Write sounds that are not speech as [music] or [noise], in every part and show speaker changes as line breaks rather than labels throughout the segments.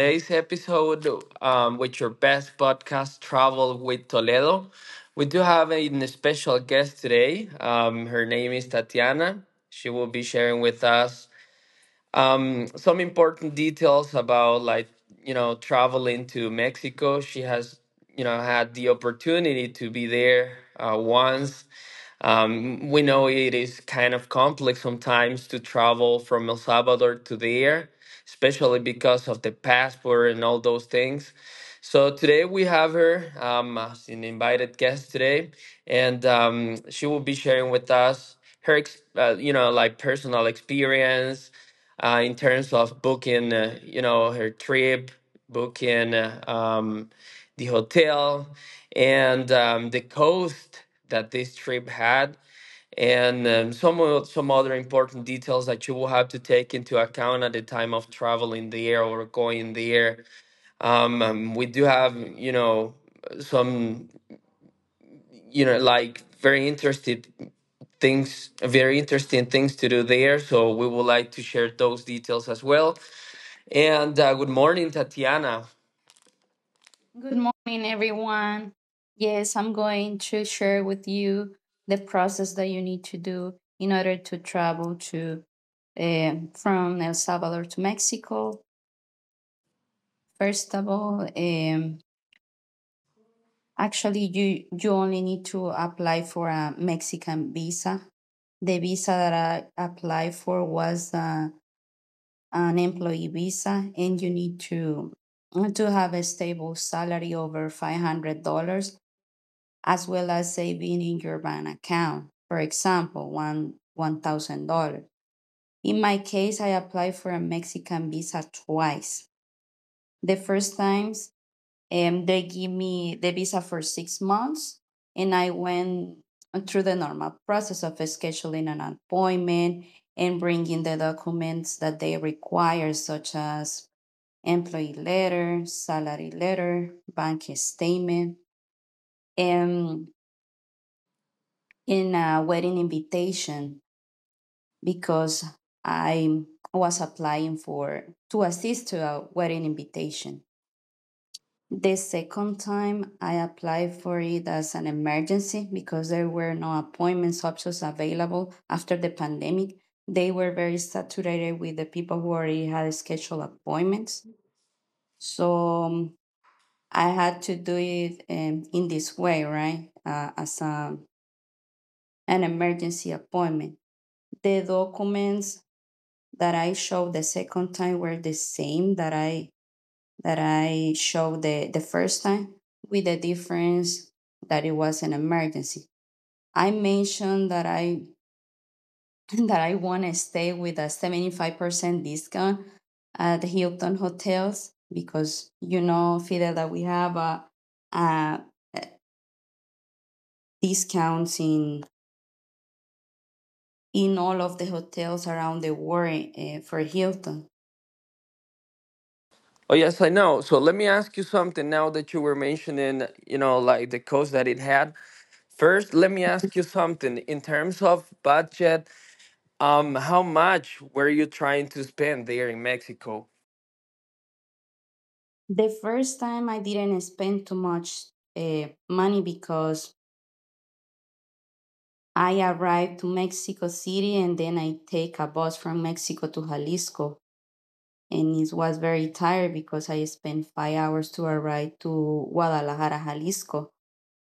today's episode with your best podcast, Travel with Toledo, we do have a special guest today. Her name is Tatiana. She will be sharing with us some important details about like traveling to Mexico. She has had the opportunity to be there once. We know it is kind of complex sometimes to travel from El Salvador to there, especially because of the passport and all those things. So today we have her as an invited guest today, and she will be sharing with us her, personal experience in terms of booking, her trip, booking the hotel, and the cost that this trip had, and some some other important details that you will have to take into account at the time of traveling there or going there. We do have, you know, some, you know, like very interesting things to do there, so we would like to share those details as well. And good morning, Tatiana.
Good morning, everyone. Yes, I'm going to share with you the process that you need to do in order to travel to from El Salvador to Mexico. First of all, you only need to apply for a Mexican visa. The visa that I applied for was an employee visa, and you need to have a stable salary over $500 as well as saving in your bank account. For example, one thousand dollars. In my case, I applied for a Mexican visa twice. The first times, they give me the visa for 6 months, and I went through the normal process of scheduling an appointment and bringing the documents that they require, such as employee letter, salary letter, bank statement, and in a wedding invitation because I was applying for to assist to a wedding invitation. The second time I applied for it as an emergency because there were no appointments options available after the pandemic. They were very saturated with the people who already had scheduled appointments. So I had to do it in this way, right? An emergency appointment. The documents that I showed the second time were the same that I showed the first time, with the difference that it was an emergency. I mentioned that I [laughs] that I want to stay with a 75% discount at the Hilton hotels because you know, Fidel, that we have a discounts in all of the hotels around the world for Hilton.
Oh, yes, I know. So let me ask you something now that you were mentioning, you know, like the cost that it had. First, let me ask you something. In terms of budget, how much were you trying to spend there in Mexico?
The first time I didn't spend too much uh, money because I arrived to Mexico City and then I take a bus from Mexico to Jalisco. And it was very tired because I spent 5 hours to arrive to Guadalajara, Jalisco.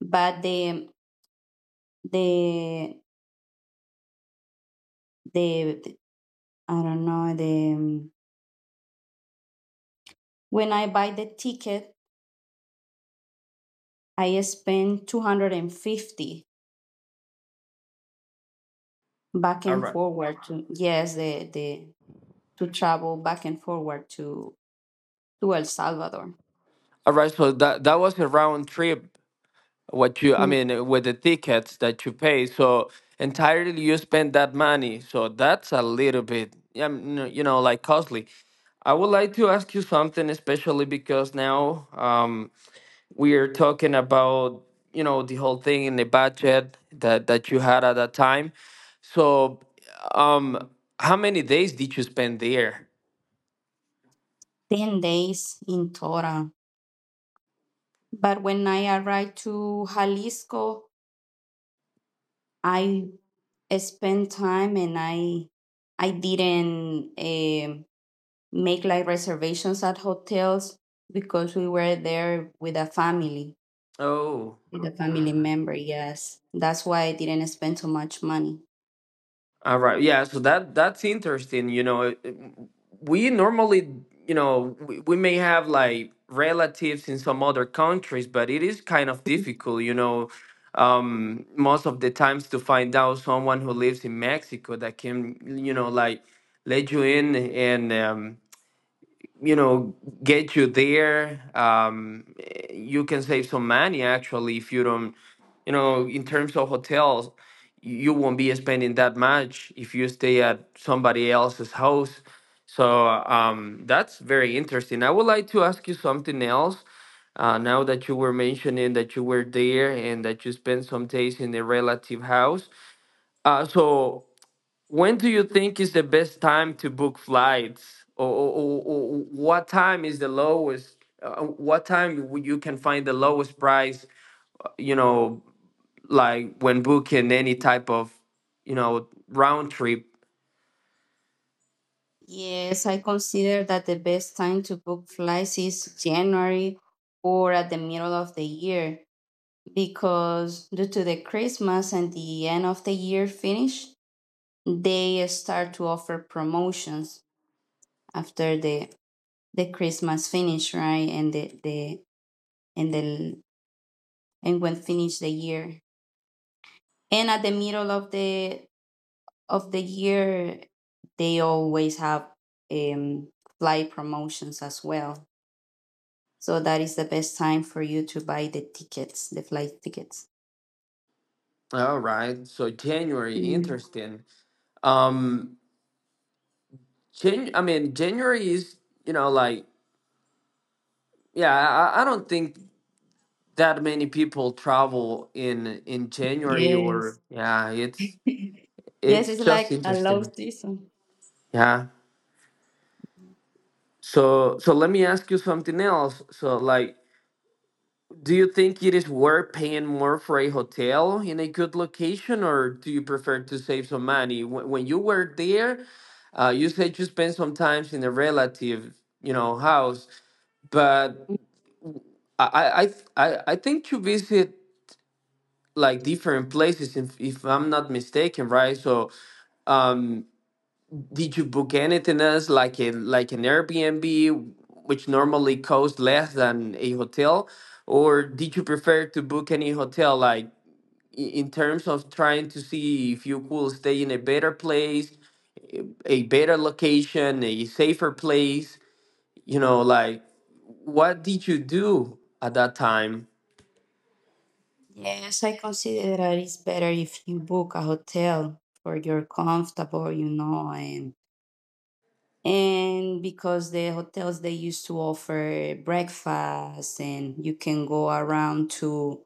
But the, the, I don't know, when I buy the ticket, I spend 250 back
All
and
right.
forward to, yes, to travel back and forward to El Salvador.
All right, so that was a round trip, what you,
Mm,
with the tickets that you pay. So entirely you spend that money. So that's a little bit, you know, like costly. I would like to ask you something, especially because now we are talking about you know the whole thing in the budget that you had at that time. So, um, how many days did you spend there?
10 days in Tora. But when I arrived to Jalisco, I spent time and I didn't make like reservations at hotels because we were there
Oh,
with a
all
family
right.
member, yes. That's why I didn't spend so much money.
All right. Yeah. So that's interesting. You know, we normally, you know, we may have like relatives in some other countries, but it is kind of difficult, you know, most of the times to find out someone who lives in Mexico that can, you know, like let you in and, you know, get you there. You can save some money actually if you don't you know, in terms of hotels, you won't be spending that much if you stay at somebody else's house. So that's very interesting. I would like to ask you something else. Now that you were mentioning that you were there and that you spent some days in a relative house, so when do you think is the best time to book flights, or what time is the lowest? What time you can find the lowest price? You know, like when booking any type of you know round trip.
Yes, I consider that the best time to book flights is January or at the middle of the year because due to the Christmas and the end of the year finish, they start to offer promotions after the Christmas finish, right? And the and when finish the year. And at the middle of the year they always have um flight promotions as well. So that is the best time for you to buy the tickets, the flight tickets.
All right, so January,
Mm,
interesting. um January is you know like, yeah. I don't think that many people travel in January, or
yes.
yeah, it's
[laughs] Yes,
it's
it's
just
like a low
interesting.
season.
Yeah. So let me ask you something else. So like, do you think it is worth paying more for a hotel in a good location, or do you prefer to save some money? Wh- When you were there, you said you spent some time in a relative, you know, house, but I, th- I think you visit like different places, if I'm not mistaken, right? So, um, did you book anything else, like a like an Airbnb, which normally costs less than a hotel? Or did you prefer to book any hotel like in terms of trying to see if you could stay in a better place, a better location, a safer place, you know, like what did you do at that time?
Yes, I consider that it's better if you book a hotel where you're comfortable, you know, and because the hotels they used to offer breakfast and you can go around to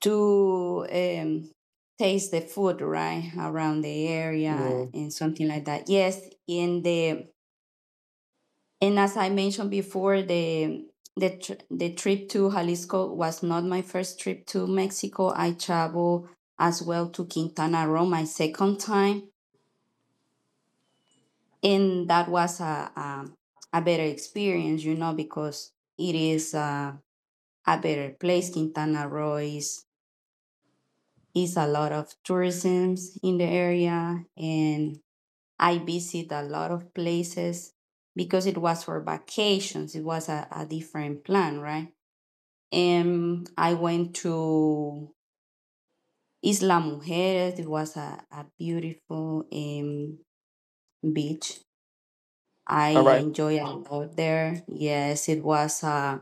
to um taste the food right around the area
Mm.
and something like that. Yes, in the and as I mentioned before, the trip to Jalisco was not my first trip to Mexico. I traveled as well to Quintana Roo my second time, and that was a better experience, you know, because it is a better place. Quintana Roo is a lot of tourism in the area, and I visit a lot of places because it was for vacations. It was a different plan, right? I went to Isla Mujeres. It was a beautiful beach. I
All right.
enjoyed a lot there. Yes, it was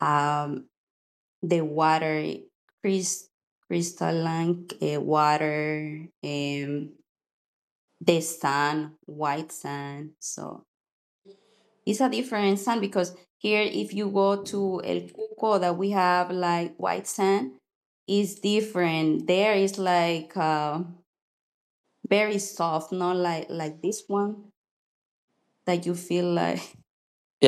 um, the water, crys- crystalline water, the sun, white sand. So it's a different sand because here, if you go to El Cuco, that we have like white sand, is different. There is like very soft, not like this one that you feel like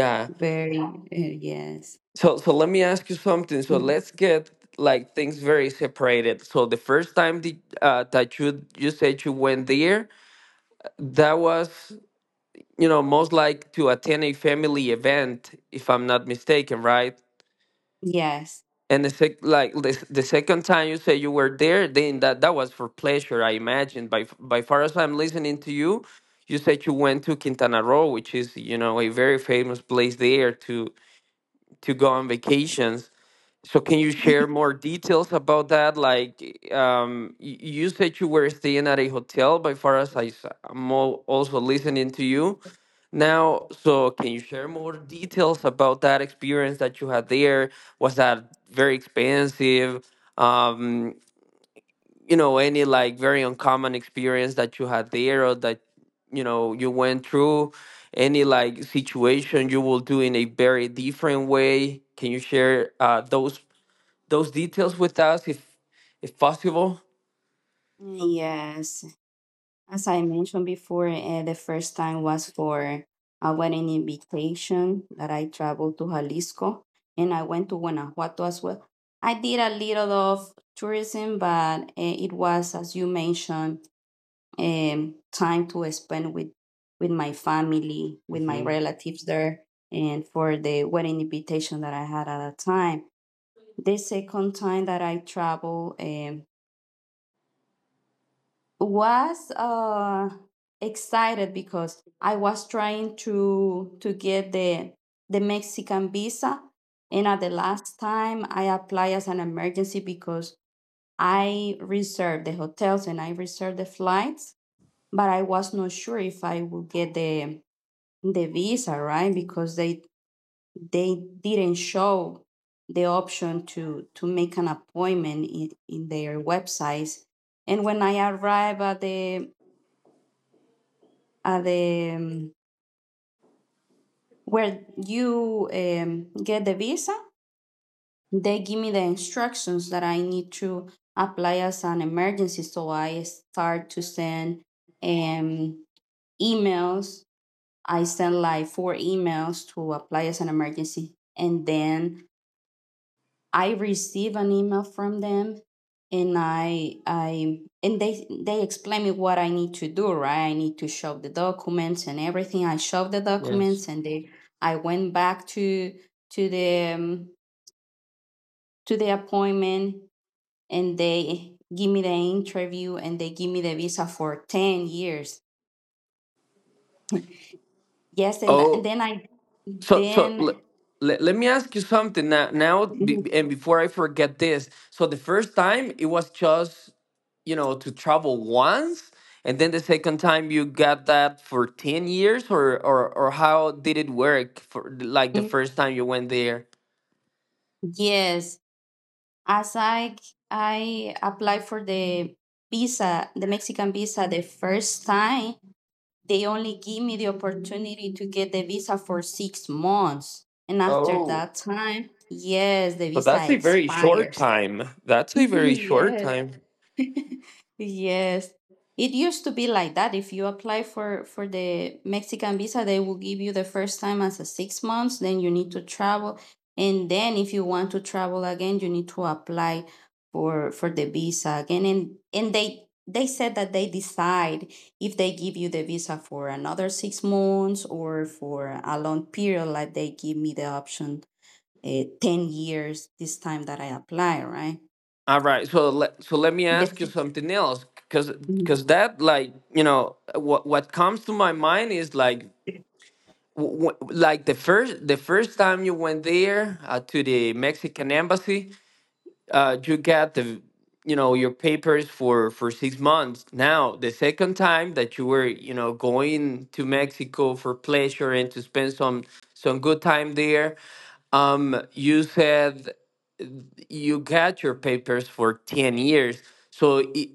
[laughs] very yes.
So let me ask you something. So
Mm,
let's get like things very separated. So the first time the, that you said you went there, that was you know most like to attend a family event, if I'm not mistaken, right?
yes,
And the sec- like the, s- the second time you say you were there, then that was for pleasure, I imagine. By f- by far as I'm listening to you, you said you went to Quintana Roo, which is you know a very famous place there to go on vacations. So can you share more details about that? Like you said you were staying at a hotel. By far as I'm also listening to you now, so can you share more details about that experience that you had there? Was that very expensive? Um, you know, any like very uncommon experience that you had there or that, you know, you went through? Any like situation you will do in a very different way? Can you share those details with us if possible?
yes. As I mentioned before, the first time was for a wedding invitation that I traveled to Jalisco and I went to Guanajuato as well. I did a little of tourism, but it was, as you mentioned, time to spend with my family, with my
Hmm.
relatives there, and for the wedding invitation that I had at that time. The second time that I traveled, was excited because I was trying to get the Mexican visa and at the last time I applied as an emergency because I reserved the hotels and I reserved the flights but I was not sure if I would get the visa right because they didn't show the option to make an appointment in their websites and when I arrived at the where you get the visa they give me the instructions that I need to apply as an emergency so I start to send um, emails I send like 4 emails to apply as an emergency and then I receive an email from them and I and they explain me what I need to do, right? I need to show the documents and everything. I show the
Yes.
documents and they I went back to the um, to the appointment and they give me the interview and they give me the visa for 10 years. [laughs] Yes, and, and
Oh.
then I
So, so
then
let, let, let me ask you something now, and
[laughs]
before I forget this. So the first time it was just, you know, to travel once, and then the second time you got that for 10 years or how did it work for like the
Mhm.
first time you went there?
Yes, as I applied for the visa, the Mexican visa the first time, they only give me the opportunity to get the visa for 6 months. And after
Oh,
that time, yes, the
so that's
visa
a very short
expires.
time.
[laughs]
That's a very short
Yes.
time.
[laughs] Yes. It used to be like that. If you apply for the Mexican visa, they will give you the first time as a 6 months, then you need to travel. And then if you want to travel again, you need to apply for the visa again. And they said that they decide if they give you the visa for another 6 months or for a long period, like they give me the option 10 years this time that I apply, right?
All right, so let me ask you
Different.
something else, because that like you know what comes to my mind is like like the first time you went there, to the Mexican embassy, you got the you know your papers for 6 months. Now the second time that you were you know going to Mexico for pleasure and to spend some good time there, you said you got your papers for 10 years. So. I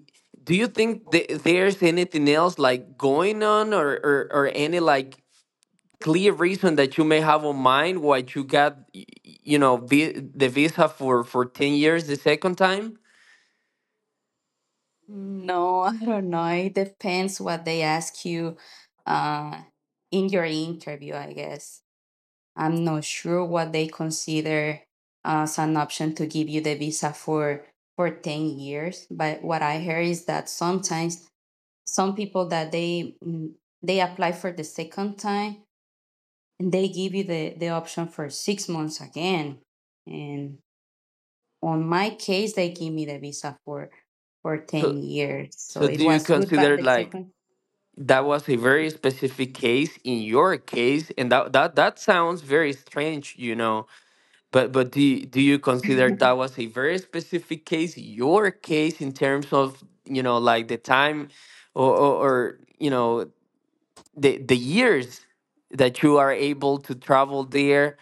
do you think there's anything else like going on, or any like clear reason that you may have on mind why you got you know the visa for 10 years the second time?
No, I don't know. It depends what they ask you uh, in your interview, I guess. I'm not sure what they consider as an option to give you the visa for 10 years, but what I hear is that sometimes some people that they mm, they apply for the second time and they give you the option for 6 months again. And on my case they give me the visa for 10
So,
years so
so
it
do you
was good but
consider
the
like
second
that was a very specific case in your case, and that sounds very strange, you know, but do you consider that was a very specific case in your case in terms of you know like the time or you know the years that you are able to travel there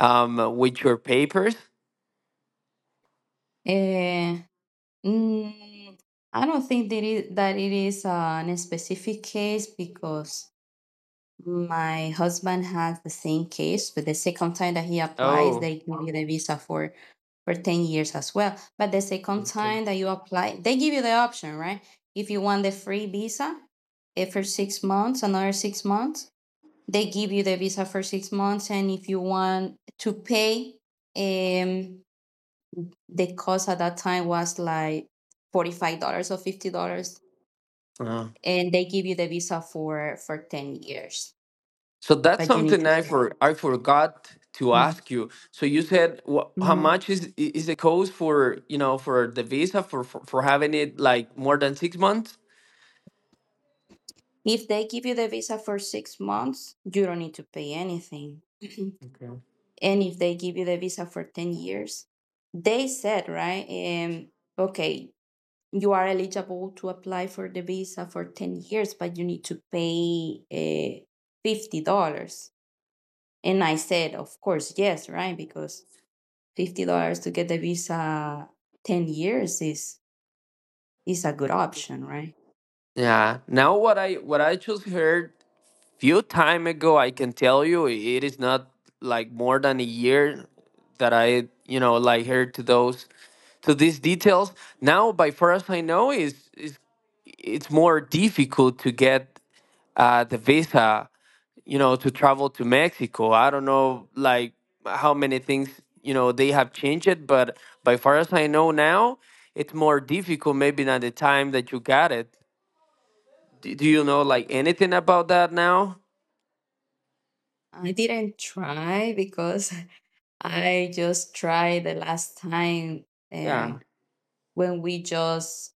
with your papers?
uh, mm, I don't think that it is an specific case because my husband has the same case but the second time that he applies
Oh,
they give you the visa for 10 years as well but the second
okay.
time that you apply they give you the option right if you want the free visa for 6 months another 6 months they give you the visa for 6 months and if you want to pay um the cost at that time was like $45 or $50
Uh,
and they give you the visa for 10 years
so that's
but you need
something
to pay.
I forgot to
Mhm.
ask you. So you said wha how
Mhm.
much is is it cost for you know for the visa for having it like more than 6 months?
If they give you the visa for 6 months you don't need to pay anything [clears throat]
Okay.
and if they give you the visa for 10 years they said right okay you are eligible to apply for the visa for 10 years, but you need to pay $50. And I said, of course, yes, right? Because $50 to get the visa 10 years is a good option, right?
Yeah. Now what I just heard few time ago, I can tell you it is not like more than a year that I you know like heard to those to these details. Now, by far as I know, is it's more difficult to get the visa, you know, to travel to Mexico. I don't know, like how many things you know they have changed it, but by far as I know now, it's more difficult maybe than the time that you got it. Do you know like anything about that now?
I didn't try because [laughs] I just tried the last time
Yeah.
um, when we just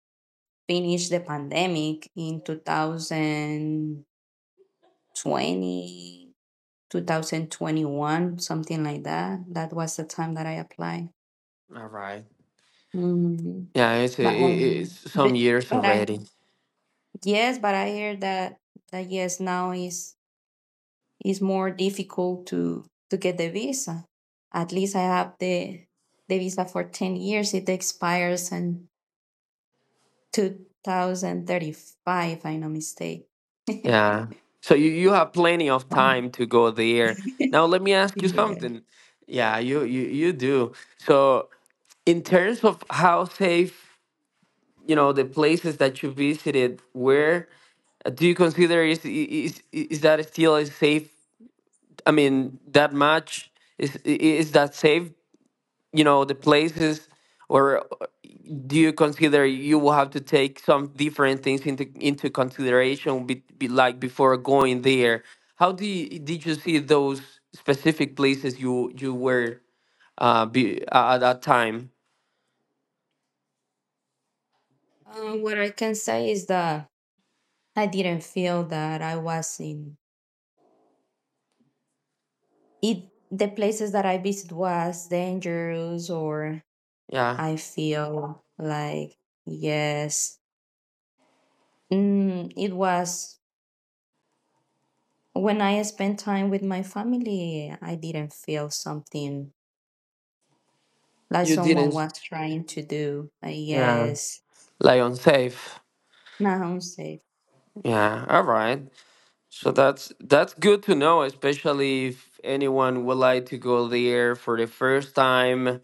finished the pandemic in 2020 2021, something like that. That was the time that I applied.
All right.
Mhm.
Yeah, it's it,
But,
it's some years
I
already.
yes, but I hear that yes now is more difficult to get the visa. At least I have the visa for 10 years. It expires in 2035, if I'm not mistaken. [laughs]
Yeah. So you have plenty of time to go there. Now let me ask you
Yeah.
something. Yeah, you do. So in terms of how safe you know the places that you visited where do you consider is that still is safe, I mean that much, is that safe, you know, the places, or do you consider you will have to take some different things into consideration be like before going there? How do you, did you see those specific places you you were at that time?
What I can say is that I didn't feel that I was in it the places that I visited was dangerous or
Yeah,
I feel like yes mm, it was when I spent time with my family I didn't feel something like
you
someone
didn't.
was trying to do.
Yeah.
Yes
Lion safe.
now I safe.
Yeah, all right. So that's good to know, especially if anyone would like to go there for the first time,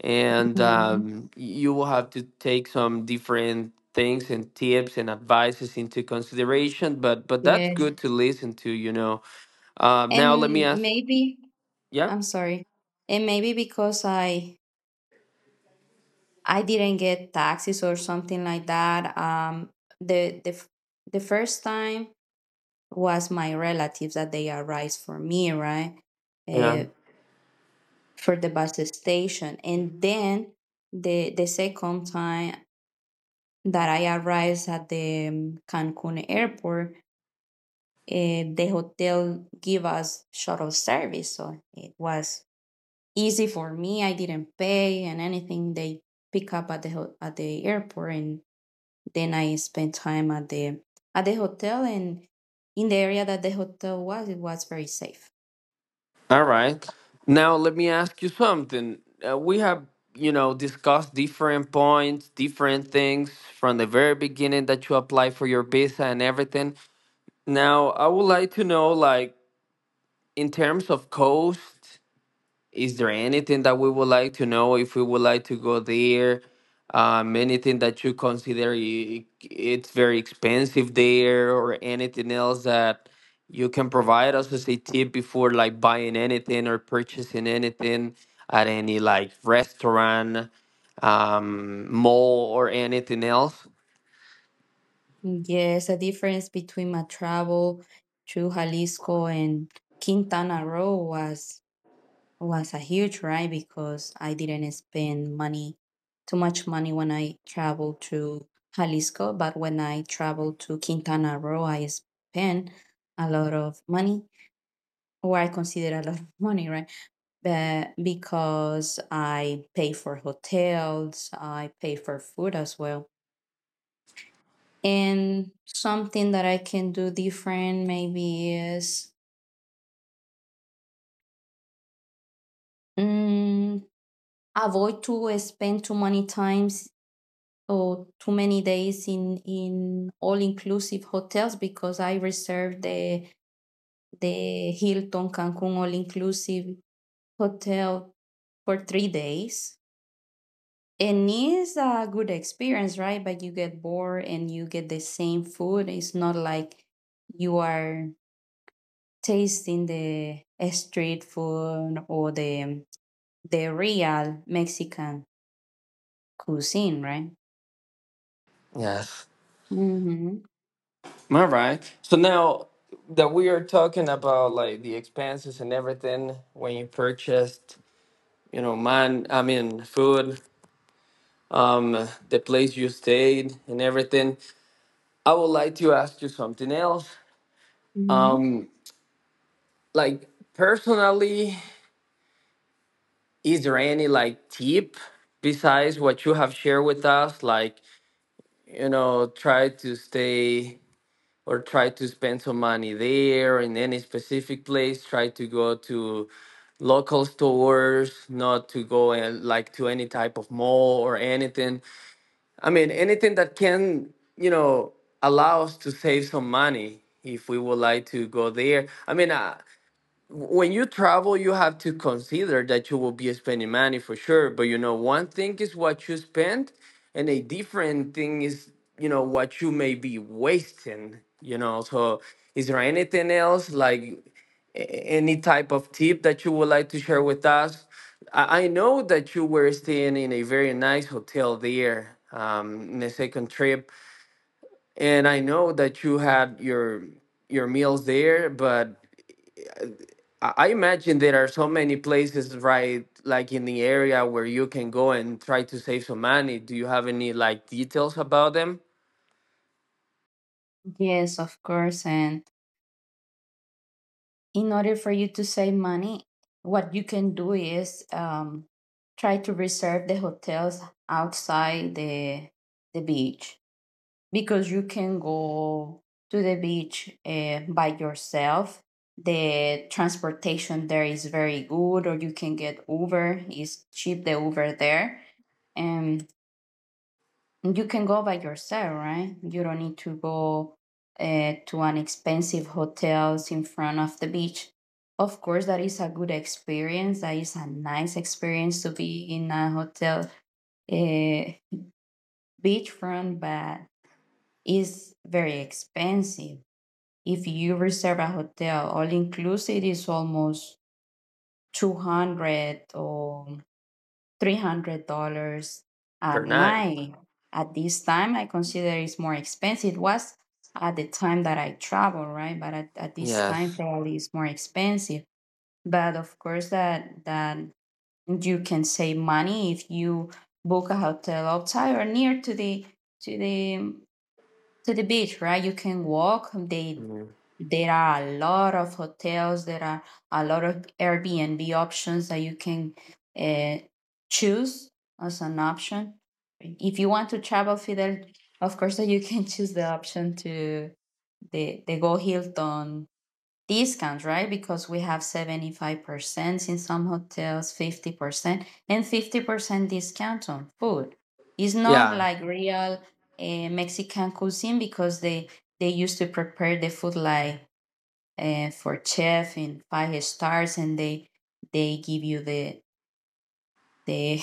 and
Mhm.
you will have to take some different things and tips and advices into consideration. But that's
Yes
good to listen to, you know. Now let me
and
ask.
maybe
Yeah.
I'm sorry and maybe because I didn't get taxes or something like that the the f- the first time was my relatives that they arranged for me, right?
Yeah.
Uh, for the bus station. And then the second time that I arrived at the Cancun airport, the hotel give us shuttle service, so it was easy for me. I didn't pay and anything. They pick up at at the airport, and then I spent time at the hotel and in the area that the hotel was. It was very safe.
All right. Now let me ask you something. We have, you know, discussed different points, different things from the very beginning that you apply for your visa and everything. Now I would like to know, like, in terms of cost. Is there anything that we would like to know if we would like to go there? Anything that you consider it's very expensive there, or anything else that you can provide us as a tip before like buying anything or purchasing anything at any like restaurant, mall, or anything else?
Yes, the difference between my travel to Jalisco and Quintana Roo was a huge ride because I didn't spend money too much money when I traveled to Jalisco, but when I traveled to Quintana Roo, I spent a lot of money, or I consider a lot of [laughs] money, right? But because I pay for hotels, I pay for food as well. And something that I can do different maybe is mm, avoid to spend too many times or too many days in all inclusive hotels because I reserved the Hilton Cancun all inclusive hotel for 3 days. And it's a good experience, right? But you get bored and you get the same food. It's not like you are tasting the street food or the real Mexican cuisine, right?
Yes.
Mm-hmm.
All right. So now that we are talking about the expenses and everything when you purchased food, the place you stayed, and everything, I would like to ask you something else.
Mm-hmm.
Um, like personally, is there any tip besides what you have shared with us? Try to stay or try to spend some money there in any specific place. Try to go to local stores, not to go and like to any type of mall or anything. I mean, anything that can, you know, allow us to save some money if we would like to go there. I mean, when you travel you have to consider that you will be spending money for sure, but one thing is what you spend and a different thing is what you may be wasting, so is there anything else, like any type of tip that you would like to share with us? I know that you were staying in a very nice hotel there, in the second trip, and I know that you had your meals there, but I I imagine there are so many places, right, like in the area where you can go and try to save some money. Do you have any details about them
Yes, of course. And in order for you to save money, what you can do is try to reserve the hotels outside the beach because you can go to the beach by yourself. The transportation there is very good, or you can get Uber. It's cheap the Uber there, and you can go by yourself, right? You don't need to go to an expensive hotels in front of the beach. Of course, that is a good experience. That is a nice experience to be in a hotel uh, beachfront, but it's very expensive. If you reserve a hotel, all inclusive is almost 200 or $300 a
per night?
night. At this time, I consider it's more expensive. It was at the time that I travel, right? But at this time,
Yes.
probably it's more expensive. But of course, that you can save money if you book a hotel outside or near to to the the beach, right? You can walk. They
Mm.
there are a lot of hotels. There are a lot of Airbnb options that you can uh, choose as an option. If you want to travel, Fidel, of course, that you can [laughs] choose the option to the Go Hilton discount, right? Because we have 75% in some hotels, 50%, and 50% discount on food. It's not
Yeah.
like real Mexican cuisine because they used to prepare the food like for chef in five stars and they give you the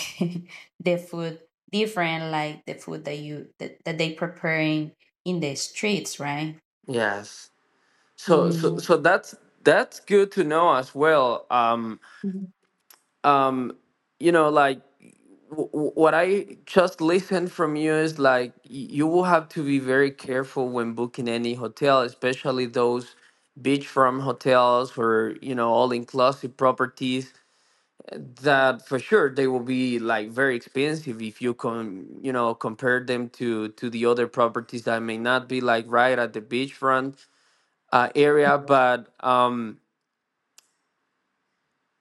[laughs] the food different like the food that they preparing in the streets, right.
Yes. So
Hmm.
that's good to know as well. Um you know, what I just listened from you is like you will have to be very careful when booking any hotel, especially those beachfront hotels or, you know, all inclusive properties, that for sure they will be very expensive if you can, you know, compare them to the other properties that may not be right at the beachfront area, but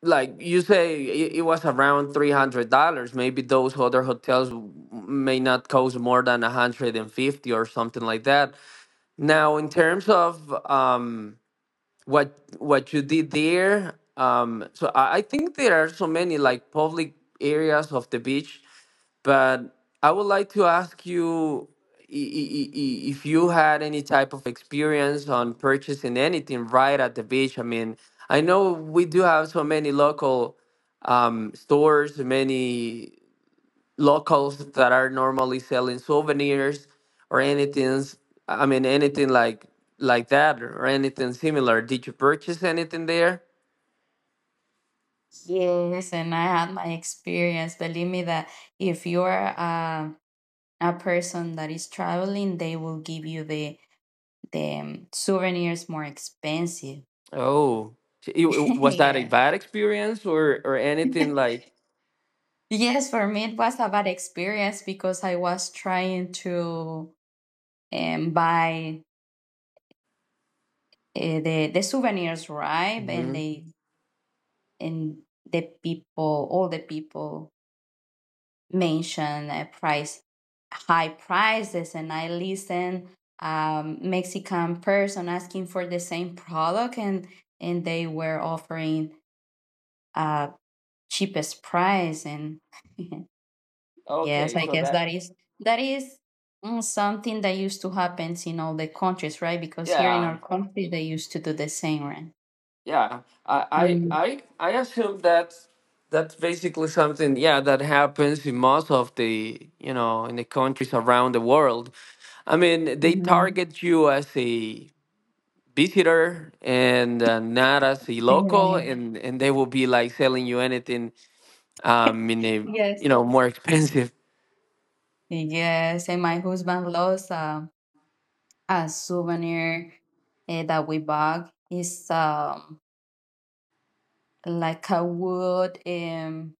like you say it, it was around $300. Maybe those other hotels may not cost more than 150 or something like that. Now, in terms of um, what you did there, so I think there are so many public areas of the beach, but I would like to ask you i- i- i- if you had any type of experience on purchasing anything right at the beach. I mean, I know we do have so many local stores, many locals that are normally selling souvenirs or anything. I mean, anything like that or anything similar. Did you purchase anything there?
Yes, and I had my experience. Believe me that if you're uh, a person that is traveling, they will give you the souvenirs more expensive.
Oh,
[laughs]
was that a
yeah.
bad experience or anything like?
Yes, for me it was a bad experience because I was trying to buy the souvenirs, right? And the people, all the people mention a price high prices, and I listen Mexican person asking for the same product and they were offering uh cheapest price, and [laughs] yes,
Okay,
I
so
guess
that,
that is something that used to happen in all the countries, right. because here in
yeah,
our country they used to do the same right
yeah. I assume that that's basically something, yeah, that happens in most of the, you know, in the countries around the world. I mean, they
mm-hmm.
target you as a visitor and not as a local, and they will be selling you anything in a,
Yes,
you know, more [laughs] expensive.
yes, and my husband lost a souvenir that we bought is like a wood.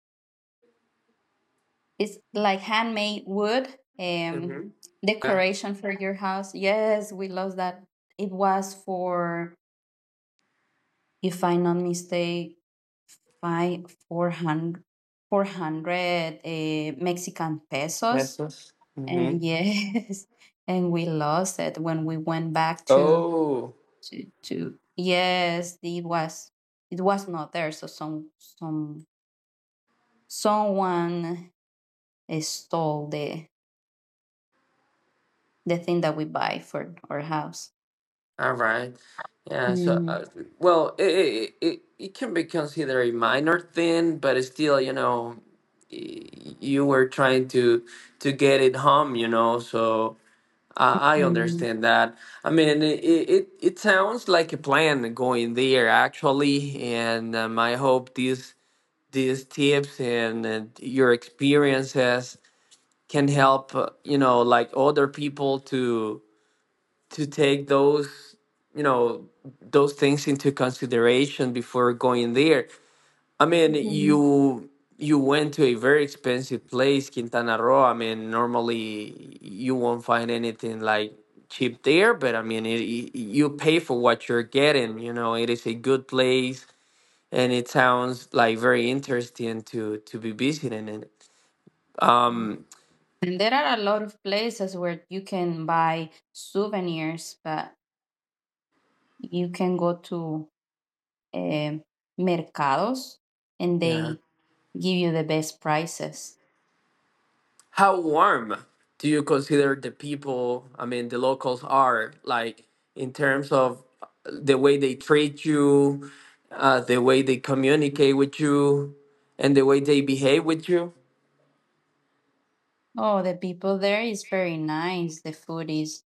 It's like handmade wood um,
Mm-hmm. Yeah.
decoration for your house. Yes, we love that. It was for, if I'm not mistake, by four hundred, four hundred 400 Mexican pesos.
Pesos. Mm-hmm.
And yes, [laughs] and we lost it when we went back
Oh.
to yes, it was not there. So someone stole the thing that we buy for our house.
All right. Yeah. So,
Mhm.
well, it can be considered a minor thing, but it's still, you know, y- you were trying to get it home, you know. So I
Mhm.
understand that. I mean, it sounds like a plan going there actually, and I hope these tips and, your experiences can help, you know, other people to take those, you know, those things into consideration before going there. I mean,
Mhm.
you went to a very expensive place, Quintana Roo. I mean, normally you won't find anything cheap there, but I mean, you pay for what you're getting, you know. It is a good place and it sounds very interesting to be visiting it.
Mm.
um
And there are a lot of places where you can buy souvenirs, but you can go to um mercados and
yeah.
they give you the best prices.
How warm do you consider the people, I mean, the locals are, like in terms of the way they treat you, the way they communicate with you, and the way they behave with you?
Oh, the people there is very nice. The food is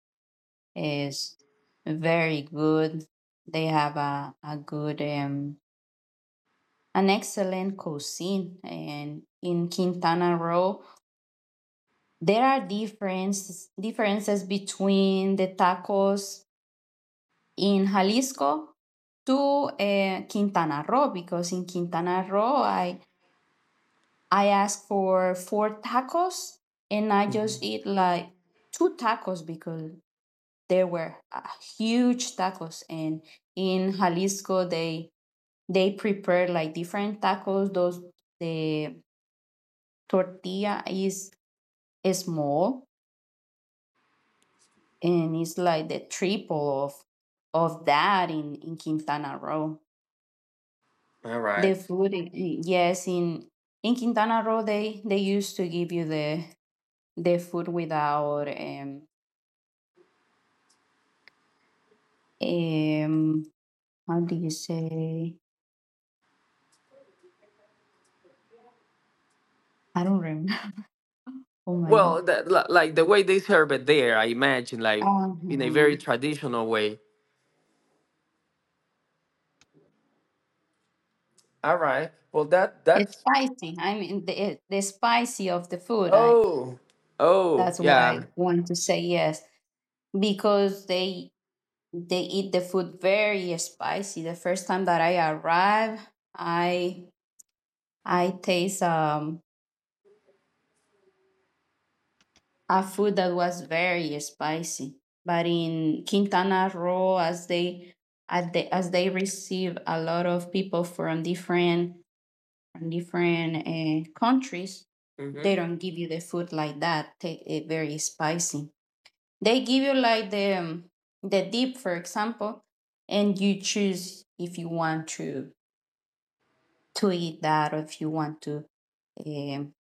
is very good. They have an excellent cuisine. And in Quintana Roo, there are differences between the tacos in Jalisco to Quintana Roo because in Quintana Roo, I ask for four tacos and I just
Mhm.
eat like two tacos because they were huge tacos, and in Jalisco They prepare like different tacos. Those the tortilla is small and it's like the triple of that in Quintana Roo.
All
The
right.
food, yes, in Quintana Roo they used to give you the food without um how do you say? I don't remember. [laughs] Oh my
Well,
god.
that, like the way they serve it there, I imagine, like in a very
Um,
traditional way. All right. Well, that
it's
that's
spicy. I mean, the spicy of the food. I
oh, oh,
That's what
yeah.
I want to say, yes, because they eat the food very spicy. The first time that I arrived, I I taste a food that was very spicy. But in Quintana Roo, as they receive a lot of people from different countries, they don't give you the food like that. Take it very spicy. They give you like the dip for example, and you choose if you want to eat that, or if you want to um,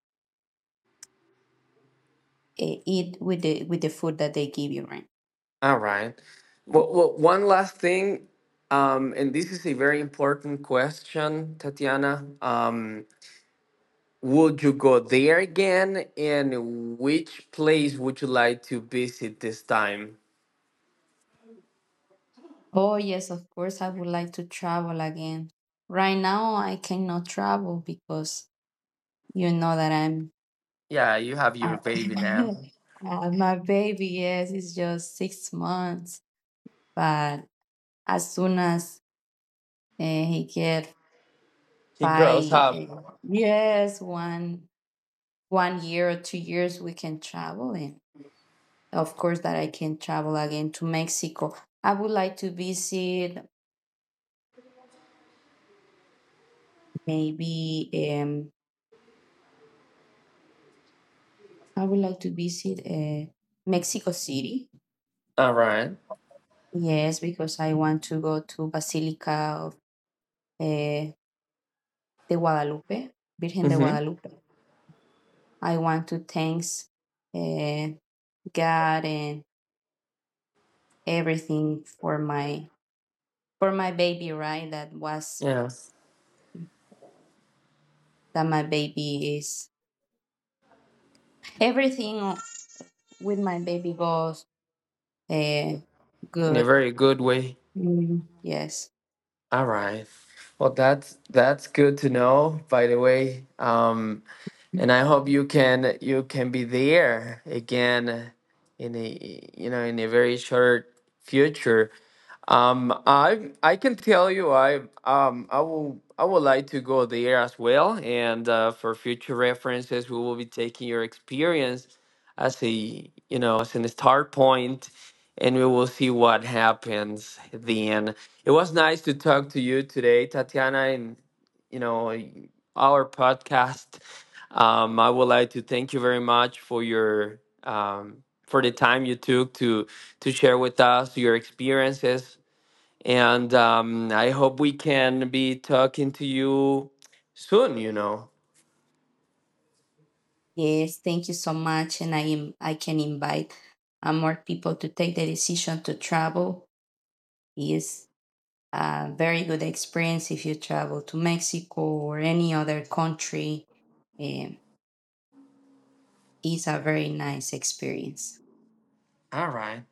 eat with the food that they give you, right.
All right. Well, well, one last thing, and this is a very important question, Tatiana. Would you go there again, and which place would you like to visit this time?
Oh, yes, of course, I would like to travel again. Right now I cannot travel because you know that
Yeah, you have your
I,
baby now.
[laughs] my baby, yes, it's just 6 months. But as soon as he get
He grows
by
up.
yes, one year or 2 years, we can travel. And of course that I can travel again to Mexico. i would like to visit maybe um I would like to visit Mexico City,
All right.
yes, because I want to go to Basilica of uh, de Guadalupe, Virgen de
Mm-hmm.
Guadalupe. I want to thanks uh, God and everything for my baby, right.
Yeah,
That my baby is everything. With my baby goes uh,
in a
good.
very good way.
Mm, yes,
All right. Well, that's good to know. By the way, and I hope you can be there again in a, you know, in a very short future. I can tell you, I would like to go there as well, and for future references, we will be taking your experience as a, you know, as a start point, and we will see what happens then. It was nice to talk to you today, Tatiana, and you know, our podcast. I would like to thank you very much for your for the time you took to share with us your experiences, and I hope we can be talking to you soon, you know.
yes. Thank you so much, and I can invite more people to take the decision to travel. Is a very good experience if you travel to Mexico or any other country. Um, it's a very nice experience.
All right.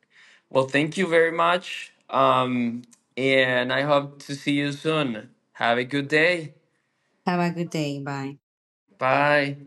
Well, thank you very much. And I hope to see you soon. Have a good day.
Have a good day. Bye.
Bye.